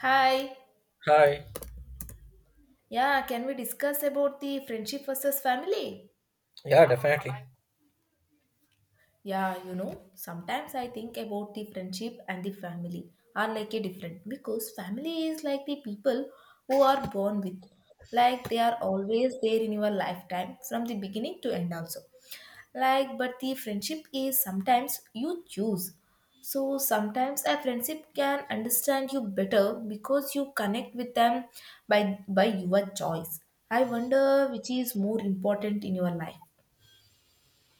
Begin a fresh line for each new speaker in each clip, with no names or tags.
Hi.
Hi.
Yeah, can we discuss about the friendship versus family?
Yeah, definitely.
Sometimes I think about the friendship and the family are like a different, because family is like the people who are born with. Like they are always there in your lifetime from the beginning to end also. Like but the friendship is sometimes you choose, so sometimes a friendship can understand you better because you connect with them by by your choice. I wonder which is more important in your life.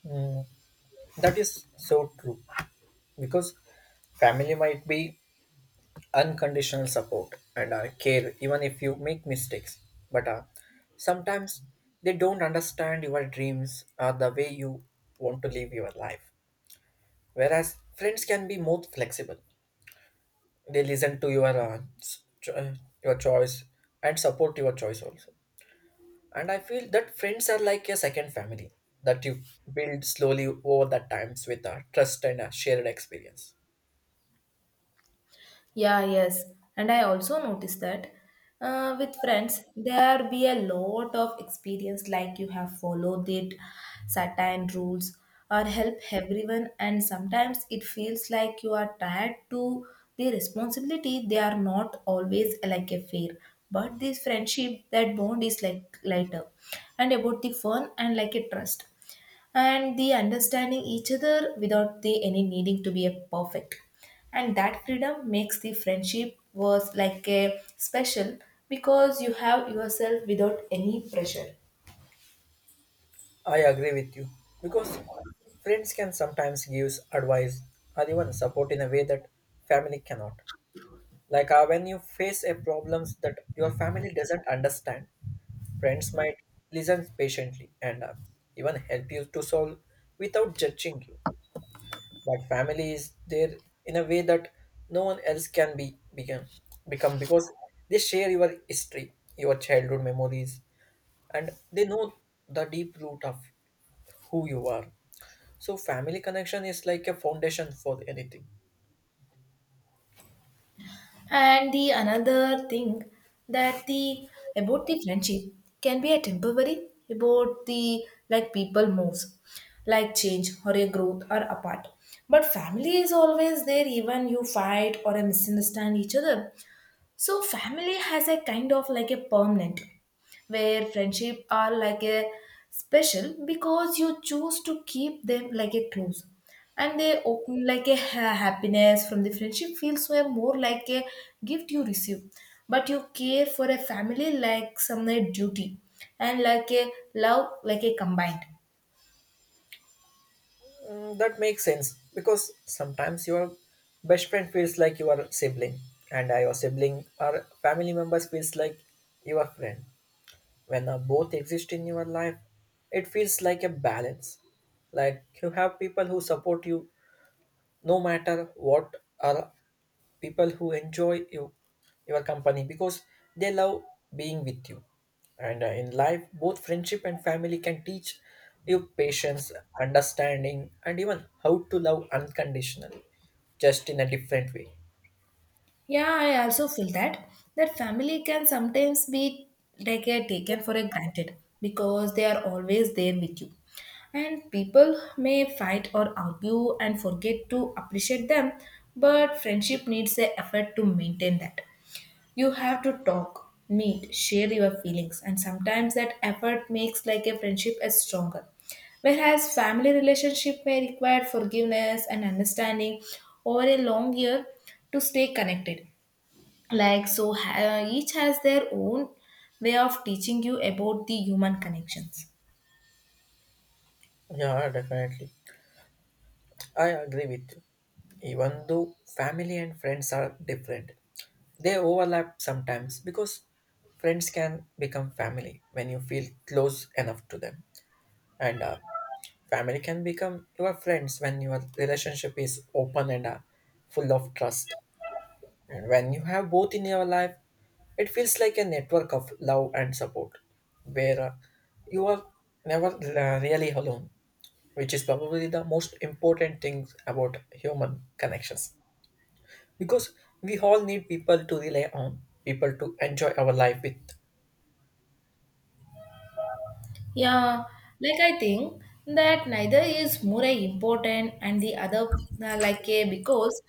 Mm, that is so true because family might be unconditional support and care even if you make mistakes. But sometimes they don't understand your dreams or the way you want to live your life. Whereas friends can be more flexible. They listen to your your choice and support your choice also. And I feel that friends are like a second family that you build slowly over the times with a trust and a shared experience.
Yeah, yes. And I also noticed that with friends, there be a lot of experience like you have followed it, certain rules, or help everyone. And sometimes it feels like you are tied to the responsibility. They are not always like a fair, but this friendship, that bond is like lighter and about the fun and like a trust and the understanding each other without the any needing to be a perfect, and that freedom makes the friendship was like a special because you have yourself without any pressure.
I agree with you because friends can sometimes give advice or even support in a way that family cannot. Like when you face a problems that your family doesn't understand, friends might listen patiently and even help you to solve without judging you. But family is there in a way that no one else can be become become because they share your history, your childhood memories, and they know the deep root of who you are. So family connection is like a foundation for anything.
And the another thing that the about the friendship can be a temporary, about the like people moves, like change or a growth or apart, but family is always there even you fight or misunderstand each other. So family has a kind of like a permanent where friendship are like a special because you choose to keep them like a close. And they open like a happiness from the friendship feels so more like a gift you receive, but you care for a family like some a duty, and like a love like a combined.
Mm, that makes sense because sometimes your best friend feels like your sibling, and your sibling or family members feels like your friend. When both exist in your life, it feels like a balance. Like you have people who support you no matter what, or people who enjoy you, your company because they love being with you. And in life, both friendship and family can teach you patience, understanding, and even how to love unconditionally, just in a different way.
Yeah, I also feel that that family can sometimes be like taken for a granted because they are always there with you. And people may fight or argue and forget to appreciate them, but friendship needs a effort to maintain that. You have to talk, meet, share your feelings, and sometimes that effort makes like a friendship as stronger. Whereas family relationship may require forgiveness and understanding over a long year to stay connected. Like so each has their own way of teaching you about the human connections.
Yeah, definitely. I agree with you. Even though family and friends are different, they overlap sometimes because friends can become family when you feel close enough to them, and family can become your friends when your relationship is open and full of trust. And when you have both in your life, it feels like a network of love and support where you are never really alone, which is probably the most important thing about human connections, because we all need people to rely on, people to enjoy our life with.
Yeah, like I think that neither is more important and the other. Like a because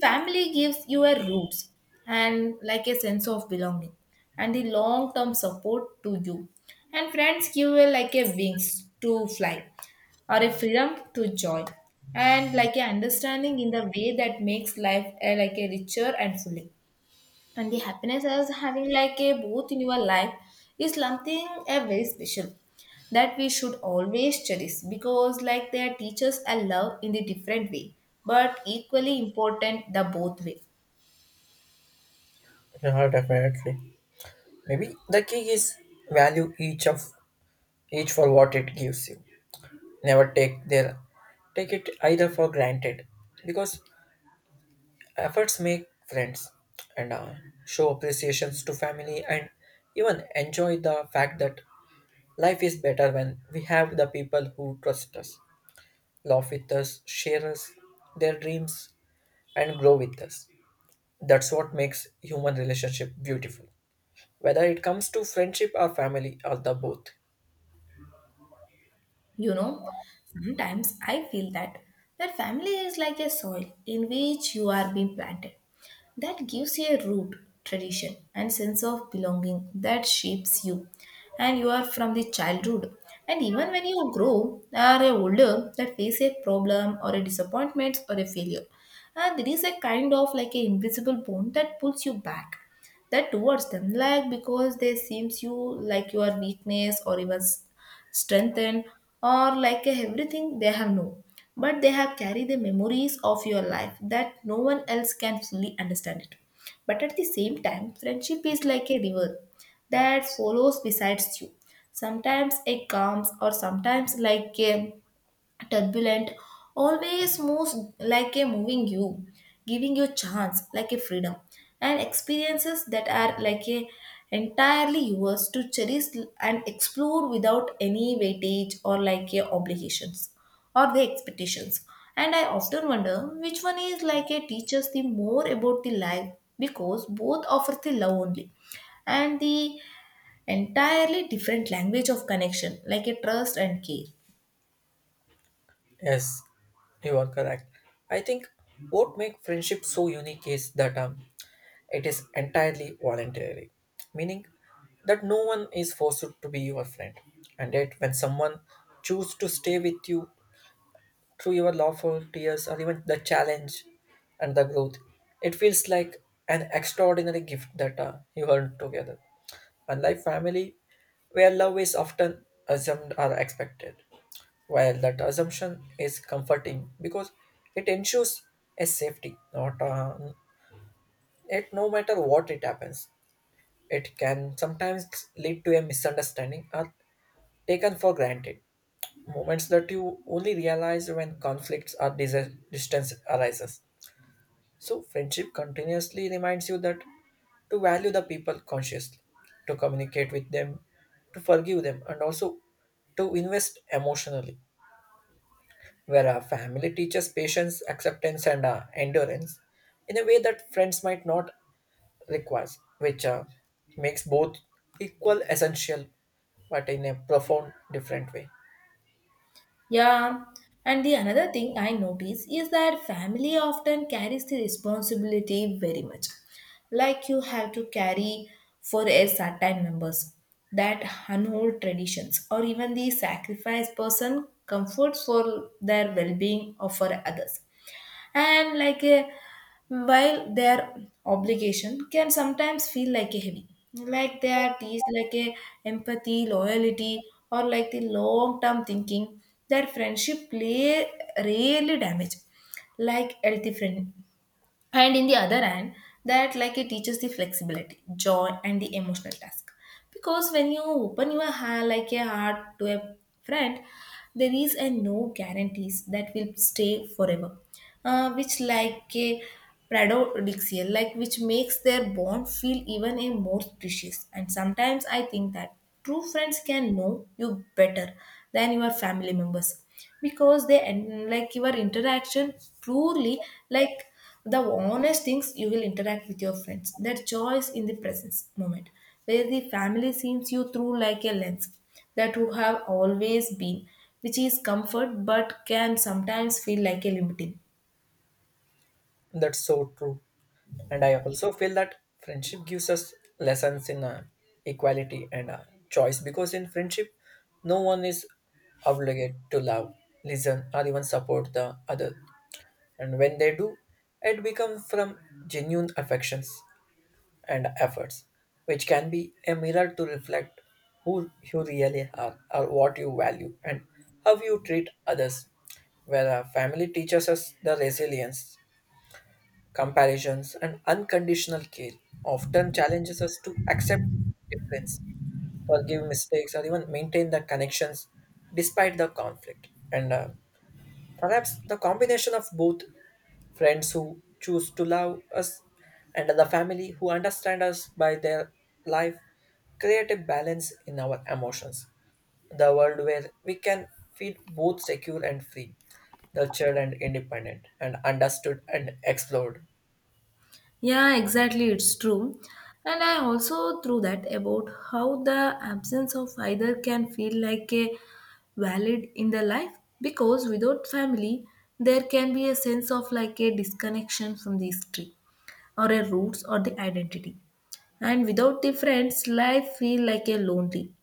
family gives you a roots and like a sense of belonging and the long term support to you, and friends give you like a wings to fly or a freedom to joy and like a understanding in the way that makes life like a richer and fuller. And the happiness as having like a both in your life is something a very special that we should always cherish, because like they teach us a love in the different way but equally important the both way.
Yeah, definitely. Maybe the key is value each for what it gives you. Never take it either for granted, because efforts make friends, and show appreciations to family, and even enjoy the fact that life is better when we have the people who trust us, laugh with us, share us their dreams, and grow with us. That's what makes human relationship beautiful. Whether it comes to friendship or family or the both.
You know, sometimes I feel that that family is like a soil in which you are being planted, that gives you a root, tradition, and sense of belonging that shapes you. And you are from the childhood. And even when you grow or are older, that face a problem or a disappointment or a failure. And there is a kind of like an invisible bond that pulls you back, that towards them, like because they seems you like your weakness or even strengthened, or like a everything they have known. But they have carried the memories of your life that no one else can fully understand it. But at the same time, friendship is like a river that follows besides you. Sometimes it calms, or sometimes like a turbulent, always moves like a moving you, giving you chance like a freedom and experiences that are like a entirely yours to cherish and explore without any weightage or like a obligations or the expectations. And I often wonder which one is like a teaches the more about the life, because both offer the love only and the entirely different language of connection like a trust and care.
Yes, you are correct. I think what makes friendship so unique is that it is entirely voluntary, meaning that no one is forced to be your friend. And yet, when someone chooses to stay with you through your lawful tears or even the challenge and the growth, it feels like an extraordinary gift that you earn together. Unlike family, where love is often assumed or expected, while that assumption is comforting because it ensures a safety. Not It, no matter what it happens, it can sometimes lead to a misunderstanding or taken for granted moments that you only realize when conflicts or distance arises. So, friendship continuously reminds you that to value the people consciously, to communicate with them, to forgive them, and also to invest emotionally. Where a family teaches patience, acceptance, and endurance in a way that friends might not require, which makes both equal essential but in a profound different way.
Yeah, and the another thing I notice is that family often carries the responsibility very much. Like you have to carry for a certain members that unhold traditions or even the sacrifice person comforts for their well-being or for others, and like a, while their obligation can sometimes feel like a heavy, like they are teased like a empathy loyalty or like the long term thinking, their friendship play really damage like healthy friend. And in the other hand, that like it teaches the flexibility joy and the emotional task, because when you open your heart like a heart to a friend, there is a no guarantees that will stay forever. Which like a paradoxical, like which makes their bond feel even a more precious. And sometimes I think that true friends can know you better than your family members, because they and like your interaction truly, like the honest things you will interact with your friends their choice in the presence moment, where the family sees you through like a lens that you have always been, which is comfort but can sometimes feel like a limiting.
That's so true. And I also feel that friendship gives us lessons in equality and choice, because in friendship, no one is obligated to love, listen, or even support the other. And when they do, it becomes from genuine affections and efforts, which can be a mirror to reflect who you really are or what you value and how you treat others, where our family teaches us the resilience, comparisons, and unconditional care, often challenges us to accept difference, forgive mistakes, or even maintain the connections despite the conflict. And perhaps the combination of both, friends who choose to love us and the family who understand us by their life, create a balance in our emotions. The world where we can feel both secure and free, nurtured and independent, and understood and explored.
Yeah, exactly, it's true. And I also through that about how the absence of either can feel like a valid in the life, because without family there can be a sense of like a disconnection from the history or a roots or the identity. And without the friends, life feel like a lonely.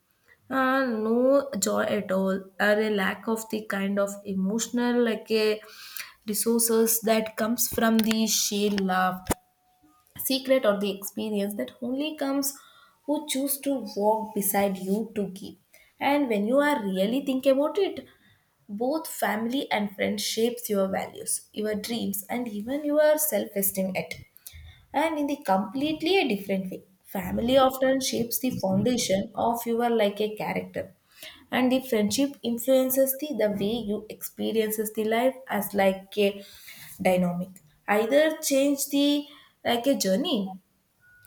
No joy at all, or a lack of the kind of emotional like a resources that comes from the sheer love secret or the experience that only comes who choose to walk beside you to give. And when you are really think about it, both family and friends shapes your values, your dreams, and even your self-esteem at and in the completely a different way. Family often shapes the foundation of your like a character. And the friendship influences the way you experiences the life as like a dynamic. Either change the like a journey,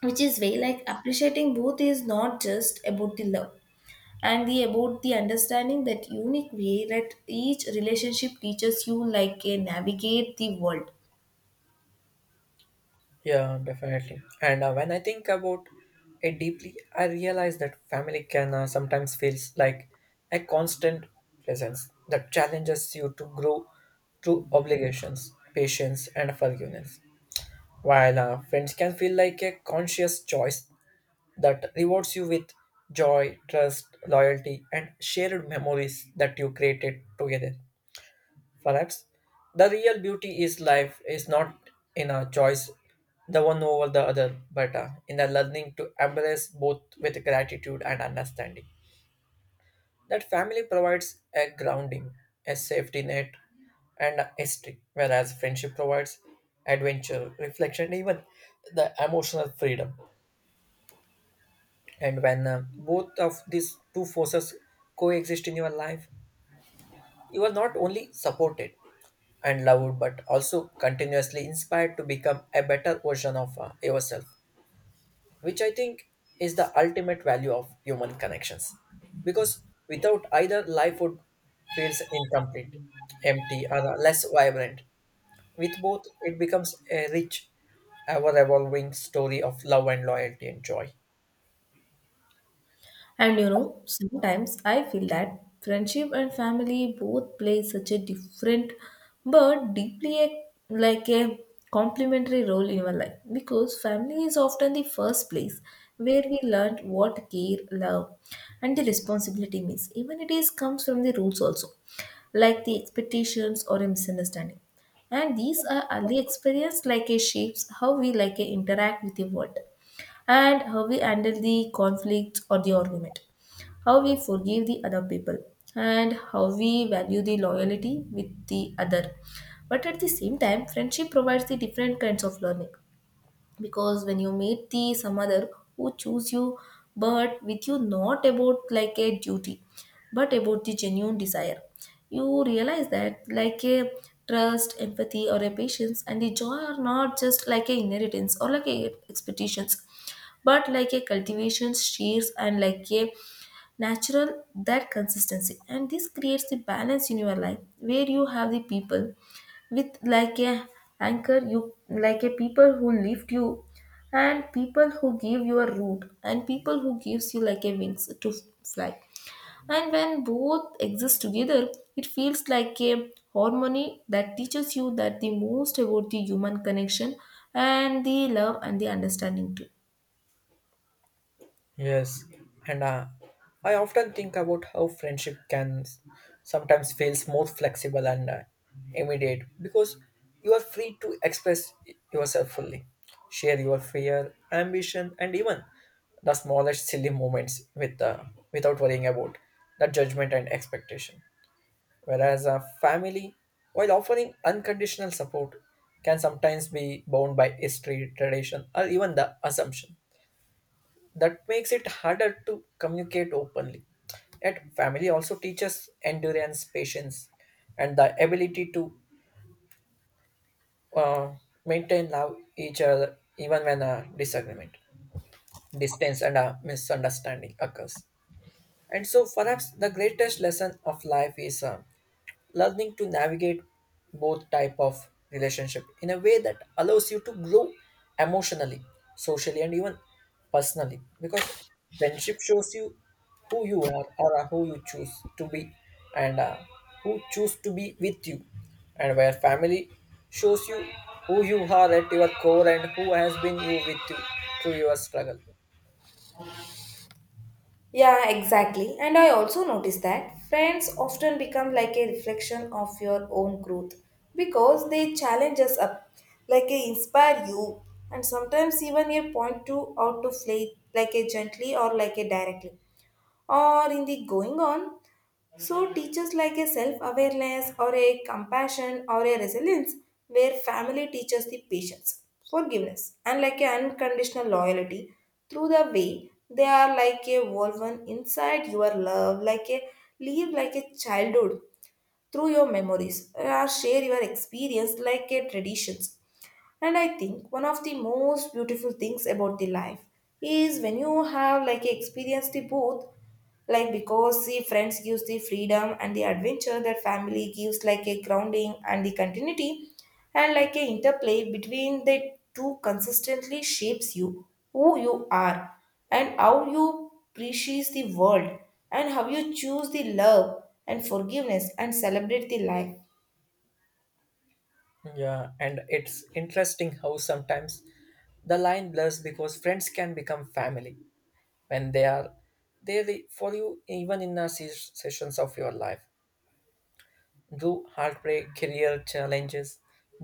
which is way like appreciating both is not just about the love and the about the understanding that unique way that each relationship teaches you like a navigate the world.
Yeah, definitely. And when I think about it deeply, I realize that family can sometimes feels like a constant presence that challenges you to grow through obligations, patience, and forgiveness. While friends can feel like a conscious choice that rewards you with joy, trust, loyalty, and shared memories that you created together. Perhaps the real beauty is life is not in a choice, the one over the other, but in the learning to embrace both with gratitude and understanding. That family provides a grounding, a safety net, and a history, whereas friendship provides adventure, reflection, even the emotional freedom. And when both of these two forces coexist in your life, you are not only supported and loved, but also continuously inspired to become a better version of yourself, which I think is the ultimate value of human connections. Because without either, life would feels incomplete, empty, or less vibrant. With both, it becomes a rich, ever evolving story of love and loyalty and joy.
And you know, sometimes I feel that friendship and family both play such a different but deeply a, like a complementary role in our life, because family is often the first place where we learn what care, love, and the responsibility means. Even it is comes from the rules also, like the expectations or a misunderstanding. And these are early experience like a shapes how we like a interact with the world, and how we handle the conflict or the argument, how we forgive the other people, and how we value the loyalty with the other. But at the same time, friendship provides the different kinds of learning, because when you meet the some other who choose you but with you not about like a duty but about the genuine desire, you realize that like a trust empathy or a patience and the joy are not just like a inheritance or like a expectations but like a cultivation shears and like a natural that consistency. And this creates the balance in your life where you have the people with like a anchor you, like a people who lift you and people who give you a root and people who gives you like a wings to fly. And when both exist together, it feels like a harmony that teaches you that the most about the human connection and the love and the understanding too.
Yes, and I often think about how friendship can sometimes feels more flexible and immediate, because you are free to express yourself fully, share your fear, ambition, and even the smallest silly moments with without worrying about the judgment and expectation. Whereas a family, while offering unconditional support, can sometimes be bound by history, tradition, or even the assumption that makes it harder to communicate openly. Yet family also teaches endurance, patience, and the ability to uh, maintain love each other even when a disagreement, distance, and a misunderstanding occurs. And so perhaps the greatest lesson of life is learning to navigate both type of relationship in a way that allows you to grow emotionally, socially, and even personally, because friendship shows you who you are or who you choose to be, and who choose to be with you, and where family shows you who you are at your core and who has been you with you through your struggle.
Yeah, exactly. And I also noticed that friends often become like a reflection of your own growth because they challenge us up, like they inspire you, and sometimes even a point to out to play like a gently or like a directly. Or in the going on, so, teachers like a self awareness or a compassion or a resilience, where family teaches the patience, forgiveness, and like an unconditional loyalty through the way they are like a woven inside your love, like a live like a childhood through your memories, or share your experience like a traditions. And I think one of the most beautiful things about the life is when you have like experienced the both, like because the friends gives the freedom and the adventure that family gives like a grounding and the continuity, and like a interplay between the two consistently shapes you, who you are and how you appreciate the world and how you choose the love and forgiveness and celebrate the life.
Yeah, and it's interesting how sometimes the line blurs because friends can become family, when they are there for you even in the sessions of your life, do heartbreak, career challenges,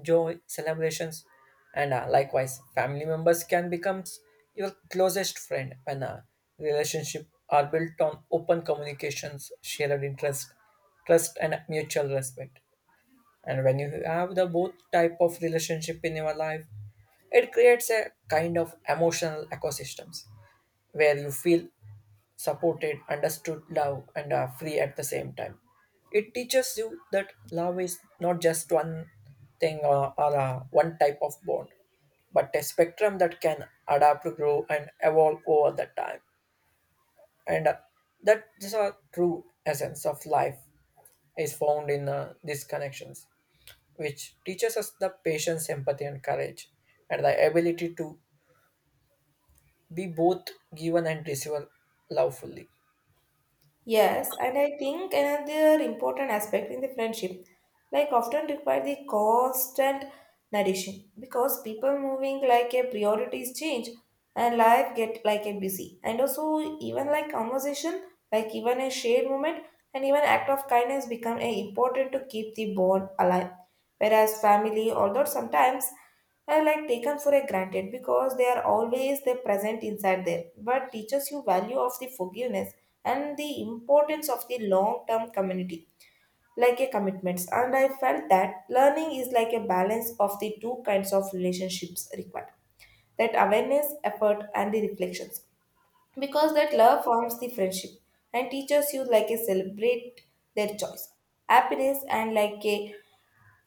joy, celebrations, and likewise family members can become your closest friend when a relationship are built on open communications, shared interest, trust, and mutual respect. And when you have the both type of relationship in your life, it creates a kind of emotional ecosystems where you feel supported, understood, love, and are free at the same time. It teaches you that love is not just one thing or one type of bond, but a spectrum that can adapt, grow, and evolve over the time. And that is a true essence of life is found in these connections, which teaches us the patience, empathy, and courage, and the ability to be both given and receiven love fully.
Yes, and I think another important aspect in the friendship, like often require the constant nourishing, because people moving like a priorities change and life get like a busy, and also even like conversation, like even a shared moment and even act of kindness become a important to keep the bond alive. Whereas family, although sometimes are like taken for a granted because they are always they present inside there, but teaches you value of the forgiveness and the importance of the long term community like a commitments. And I felt that learning is like a balance of the two kinds of relationships required, that awareness, effort and the reflections, because that love forms the friendship and teaches you like a celebrate their choice, happiness and like a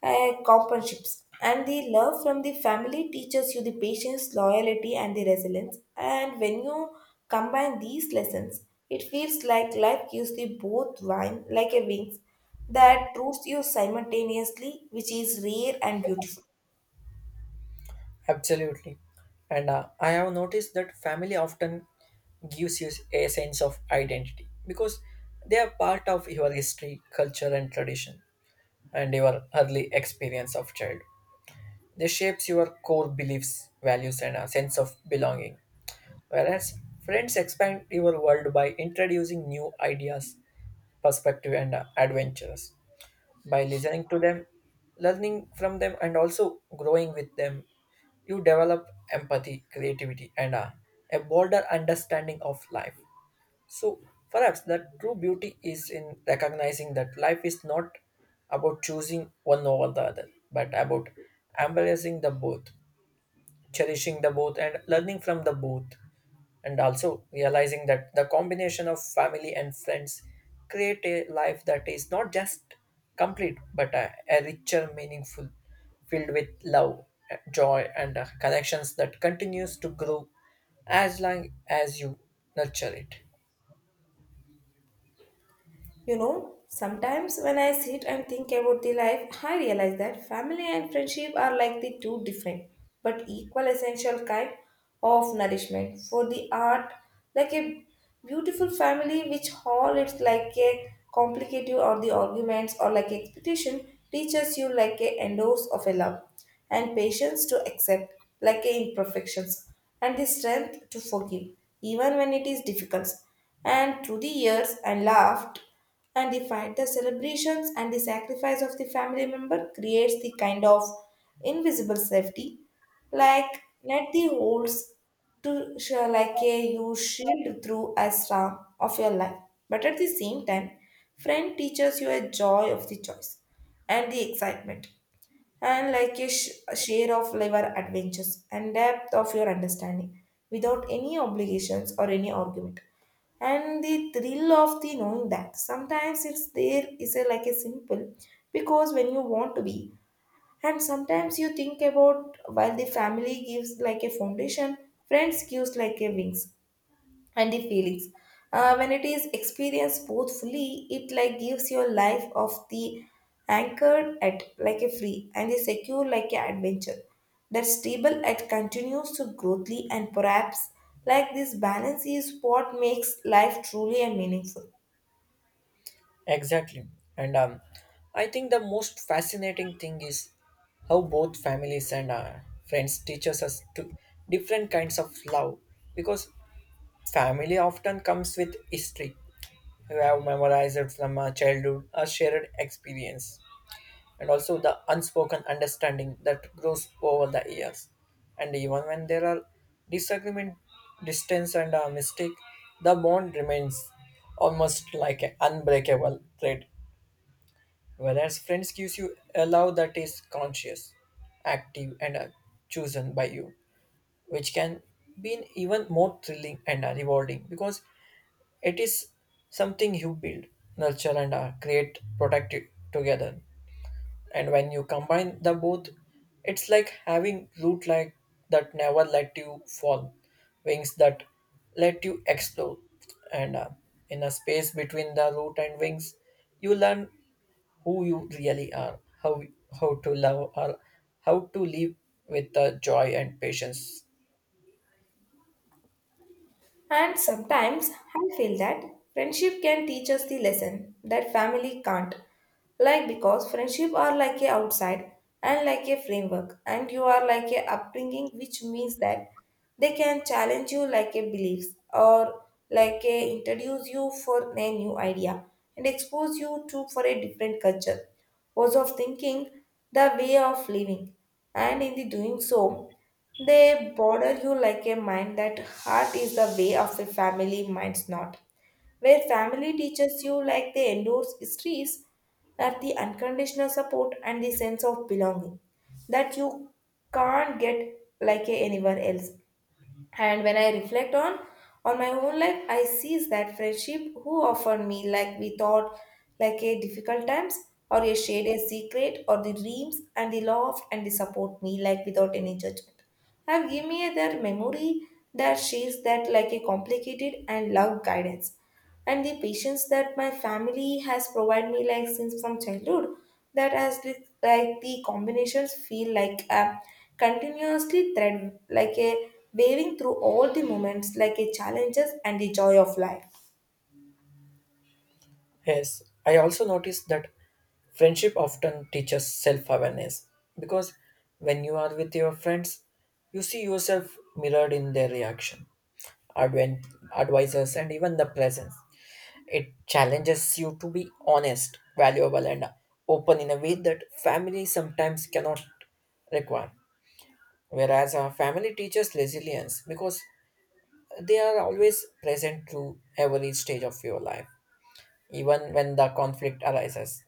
companionships. And the love from the family teaches you the patience, loyalty and the resilience, and when you combine these lessons, it feels like life gives the both wine like a wings that roots you simultaneously, which is rare and beautiful.
Absolutely. And I have noticed that family often gives you a sense of identity, because they are part of your history, culture, and tradition, and your early experience of childhood. They shapes your core beliefs, values, and a sense of belonging. Whereas friends expand your world by introducing new ideas, perspective, and adventures. By listening to them, learning from them, and also growing with them, you develop empathy, creativity, and a broader understanding of life. So perhaps the true beauty is in recognizing that life is not about choosing one over the other, but about embracing the both, cherishing the both, and learning from the both, and also realizing that the combination of family and friends create a life that is not just complete but a richer, meaningful, filled with love, joy, and connections that continues to grow as long as you nurture it.
You know, sometimes when I sit and think about the life, I realize that family and friendship are like the two different but equal essential kind of nourishment for the art, like a beautiful family which all it's like a complicated or the arguments or like expectation teaches you like a endorse of a love and patience to accept like a imperfections and the strength to forgive, even when it is difficult. And through the years and laughed and the celebrations and the sacrifice of the family member creates the kind of invisible safety, like net the holes to like a you shield through a storm of your life. But at the same time, friend teaches you a joy of the choice and the excitement and like a share of your adventures and depth of your understanding without any obligations or any argument, and the thrill of the knowing that sometimes it's there is a like a simple because when you want to be. And sometimes you think about while the family gives like a foundation, friends gives like a wings and the feelings. When it is experienced both fully, it like gives your life of the anchored at like a free and the secure like a adventure that stable at continues to growthly, and perhaps like this balance is what makes life truly and meaningful.
Exactly. And I think the most fascinating thing is how both families and friends teaches us to different kinds of love, because family often comes with history. You have memorized it from a childhood, a shared experience, and also the unspoken understanding that grows over the years. And even when there are disagreement, distance, and a mistake, the bond remains almost like an unbreakable thread. Whereas friends gives you a love that is conscious, active, and chosen by you, which can be even more thrilling and rewarding because it is something you build, nurture, and create, protect it together. And when you combine the both, it's like having root like that never let you fall, wings that let you explore, and in a space between the root and wings, you learn who you really are, how to love or how to live with the joy and patience.
And sometimes I feel that friendship can teach us the lesson that family can't. Like because friendship are like a outside and like a framework and you are like a upbringing, which means that they can challenge you like a beliefs or like a introduce you for a new idea and expose you to for a different culture, ways of thinking, the way of living, and in the doing so they border you like a mind that heart is the way of a family, mind's not. Where family teaches you like they endorse histories, that the unconditional support and the sense of belonging that you can't get like a anywhere else. And when I reflect on my own life, I sees that friendship who offered me like we thought like a difficult times or a shared a secret or the dreams and the love and the support me like without any judgment, have given me their memory that she's that like a complicated and love, guidance and the patience that my family has provided me like since from childhood. That has like the combinations feel like a continuously thread, like a waving through all the moments like a challenges and the joy of life.
Yes, I also noticed that friendship often teaches self-awareness, because when you are with your friends, you see yourself mirrored in their reaction, advent, advisors, and even the presence. It challenges you to be honest, valuable, and open in a way that family sometimes cannot require. Whereas our family teaches resilience because they are always present through every stage of your life, even when the conflict arises.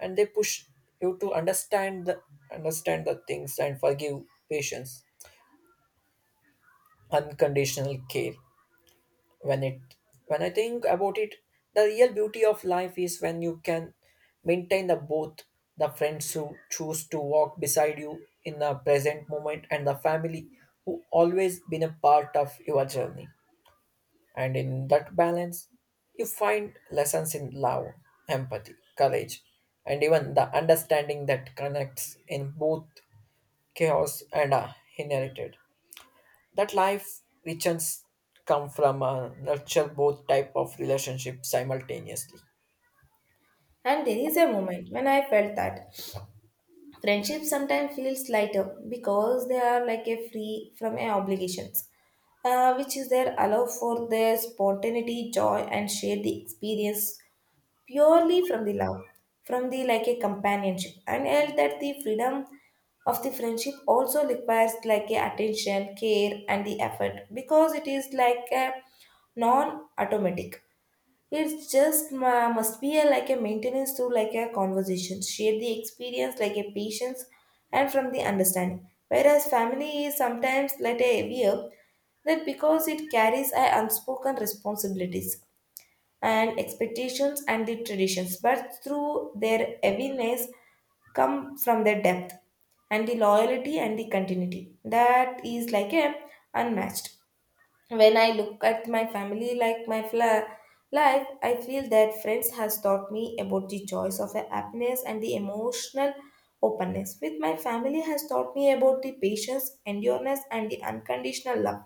And they push you to understand the things and forgive, patience, unconditional care. When it when I think about it, the real beauty of life is when you can maintain the both, the friends who choose to walk beside you in the present moment and the family who always been a part of your journey. And in that balance, you find lessons in love, empathy, courage, and even the understanding that connects in both chaos and inherited. That life richens come from nurture both type of relationship simultaneously.
And there is a moment when I felt that friendship sometimes feels lighter because they are like a free from a obligations, which is there allow for their spontaneity, joy and share the experience purely from the love, from the like a companionship, and held that the freedom of the friendship also requires like a attention, care, and the effort, because it is like a non-automatic. It's just must be a, like a maintenance through like a conversation, share the experience like a patience, and from the understanding. Whereas family is sometimes like a heavier, that because it carries a unspoken responsibilities and expectations and the traditions, but through their heaviness come from their depth and the loyalty and the continuity. That is like a unmatched. When I look at my family like my life, I feel that friends has taught me about the choice of a happiness and the emotional openness. With my family has taught me about the patience, endurance, and the unconditional love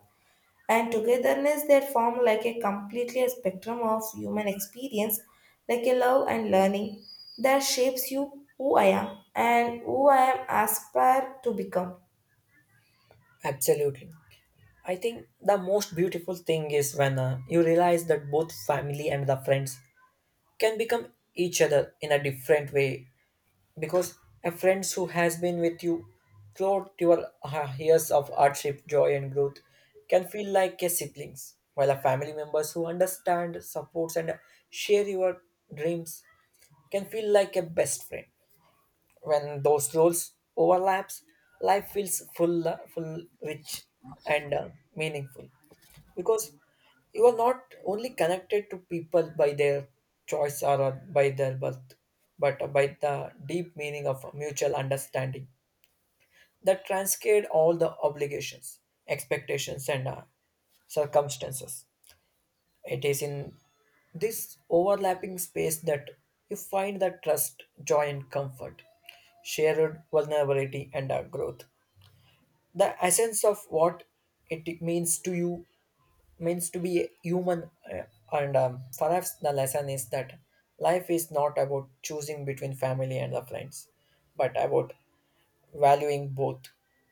and togetherness that form like a completely a spectrum of human experience, like a love and learning that shapes you who I am and who I am aspire to become.
Absolutely. I think the most beautiful thing is when you realize that both family and the friends can become each other in a different way, because a friend who has been with you throughout your years of hardship, joy, and growth can feel like a siblings, while a family members who understand, supports, and share your dreams can feel like a best friend. When those roles overlaps, life feels full, rich, and meaningful, because you are not only connected to people by their choice or by their birth, but by the deep meaning of mutual understanding that transcend all the obligations, expectations, and circumstances. It is in this overlapping space that you find the trust, joy, and comfort, shared vulnerability, and growth, the essence of what it means to be human, and perhaps the lesson is that life is not about choosing between family and the friends, but about valuing both,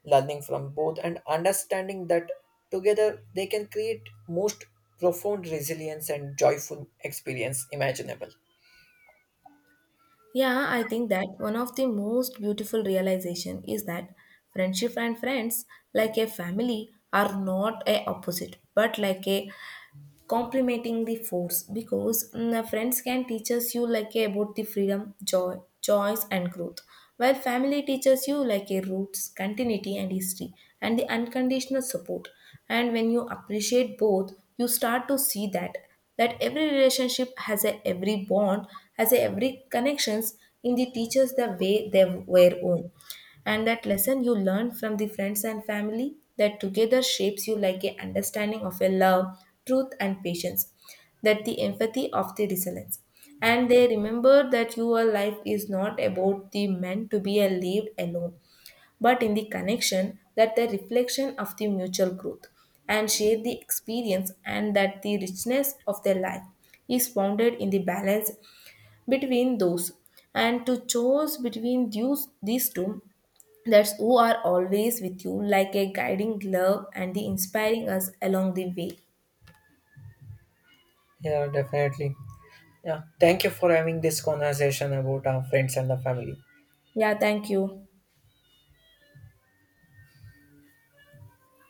learning from both, and understanding that together they can create most profound resilience and joyful experience imaginable.
Yeah, I think that one of the most beautiful realization is that friendship and friends, like a family, are not a opposite, but like a complementing the force, because the friends can teaches you like a, about the freedom, joy, choice and growth, while family teaches you like a roots, continuity and history and the unconditional support. And when you appreciate both, you start to see that every relationship has a, every bond has a, every connections in the teachers the way they were own, and that lesson you learn from the friends and family that together shapes you like a understanding of a love, truth and patience, that the empathy of the resilience. And they remember that your life is not about the meant to be a lived alone, but in the connection that the reflection of the mutual growth and share the experience, and that the richness of their life is founded in the balance between those, and to choose between these two that's who are always with you like a guiding glove and the inspiring us along the way.
Yeah, definitely. Yeah, thank you for having this conversation about our friends and the family.
Yeah, thank you.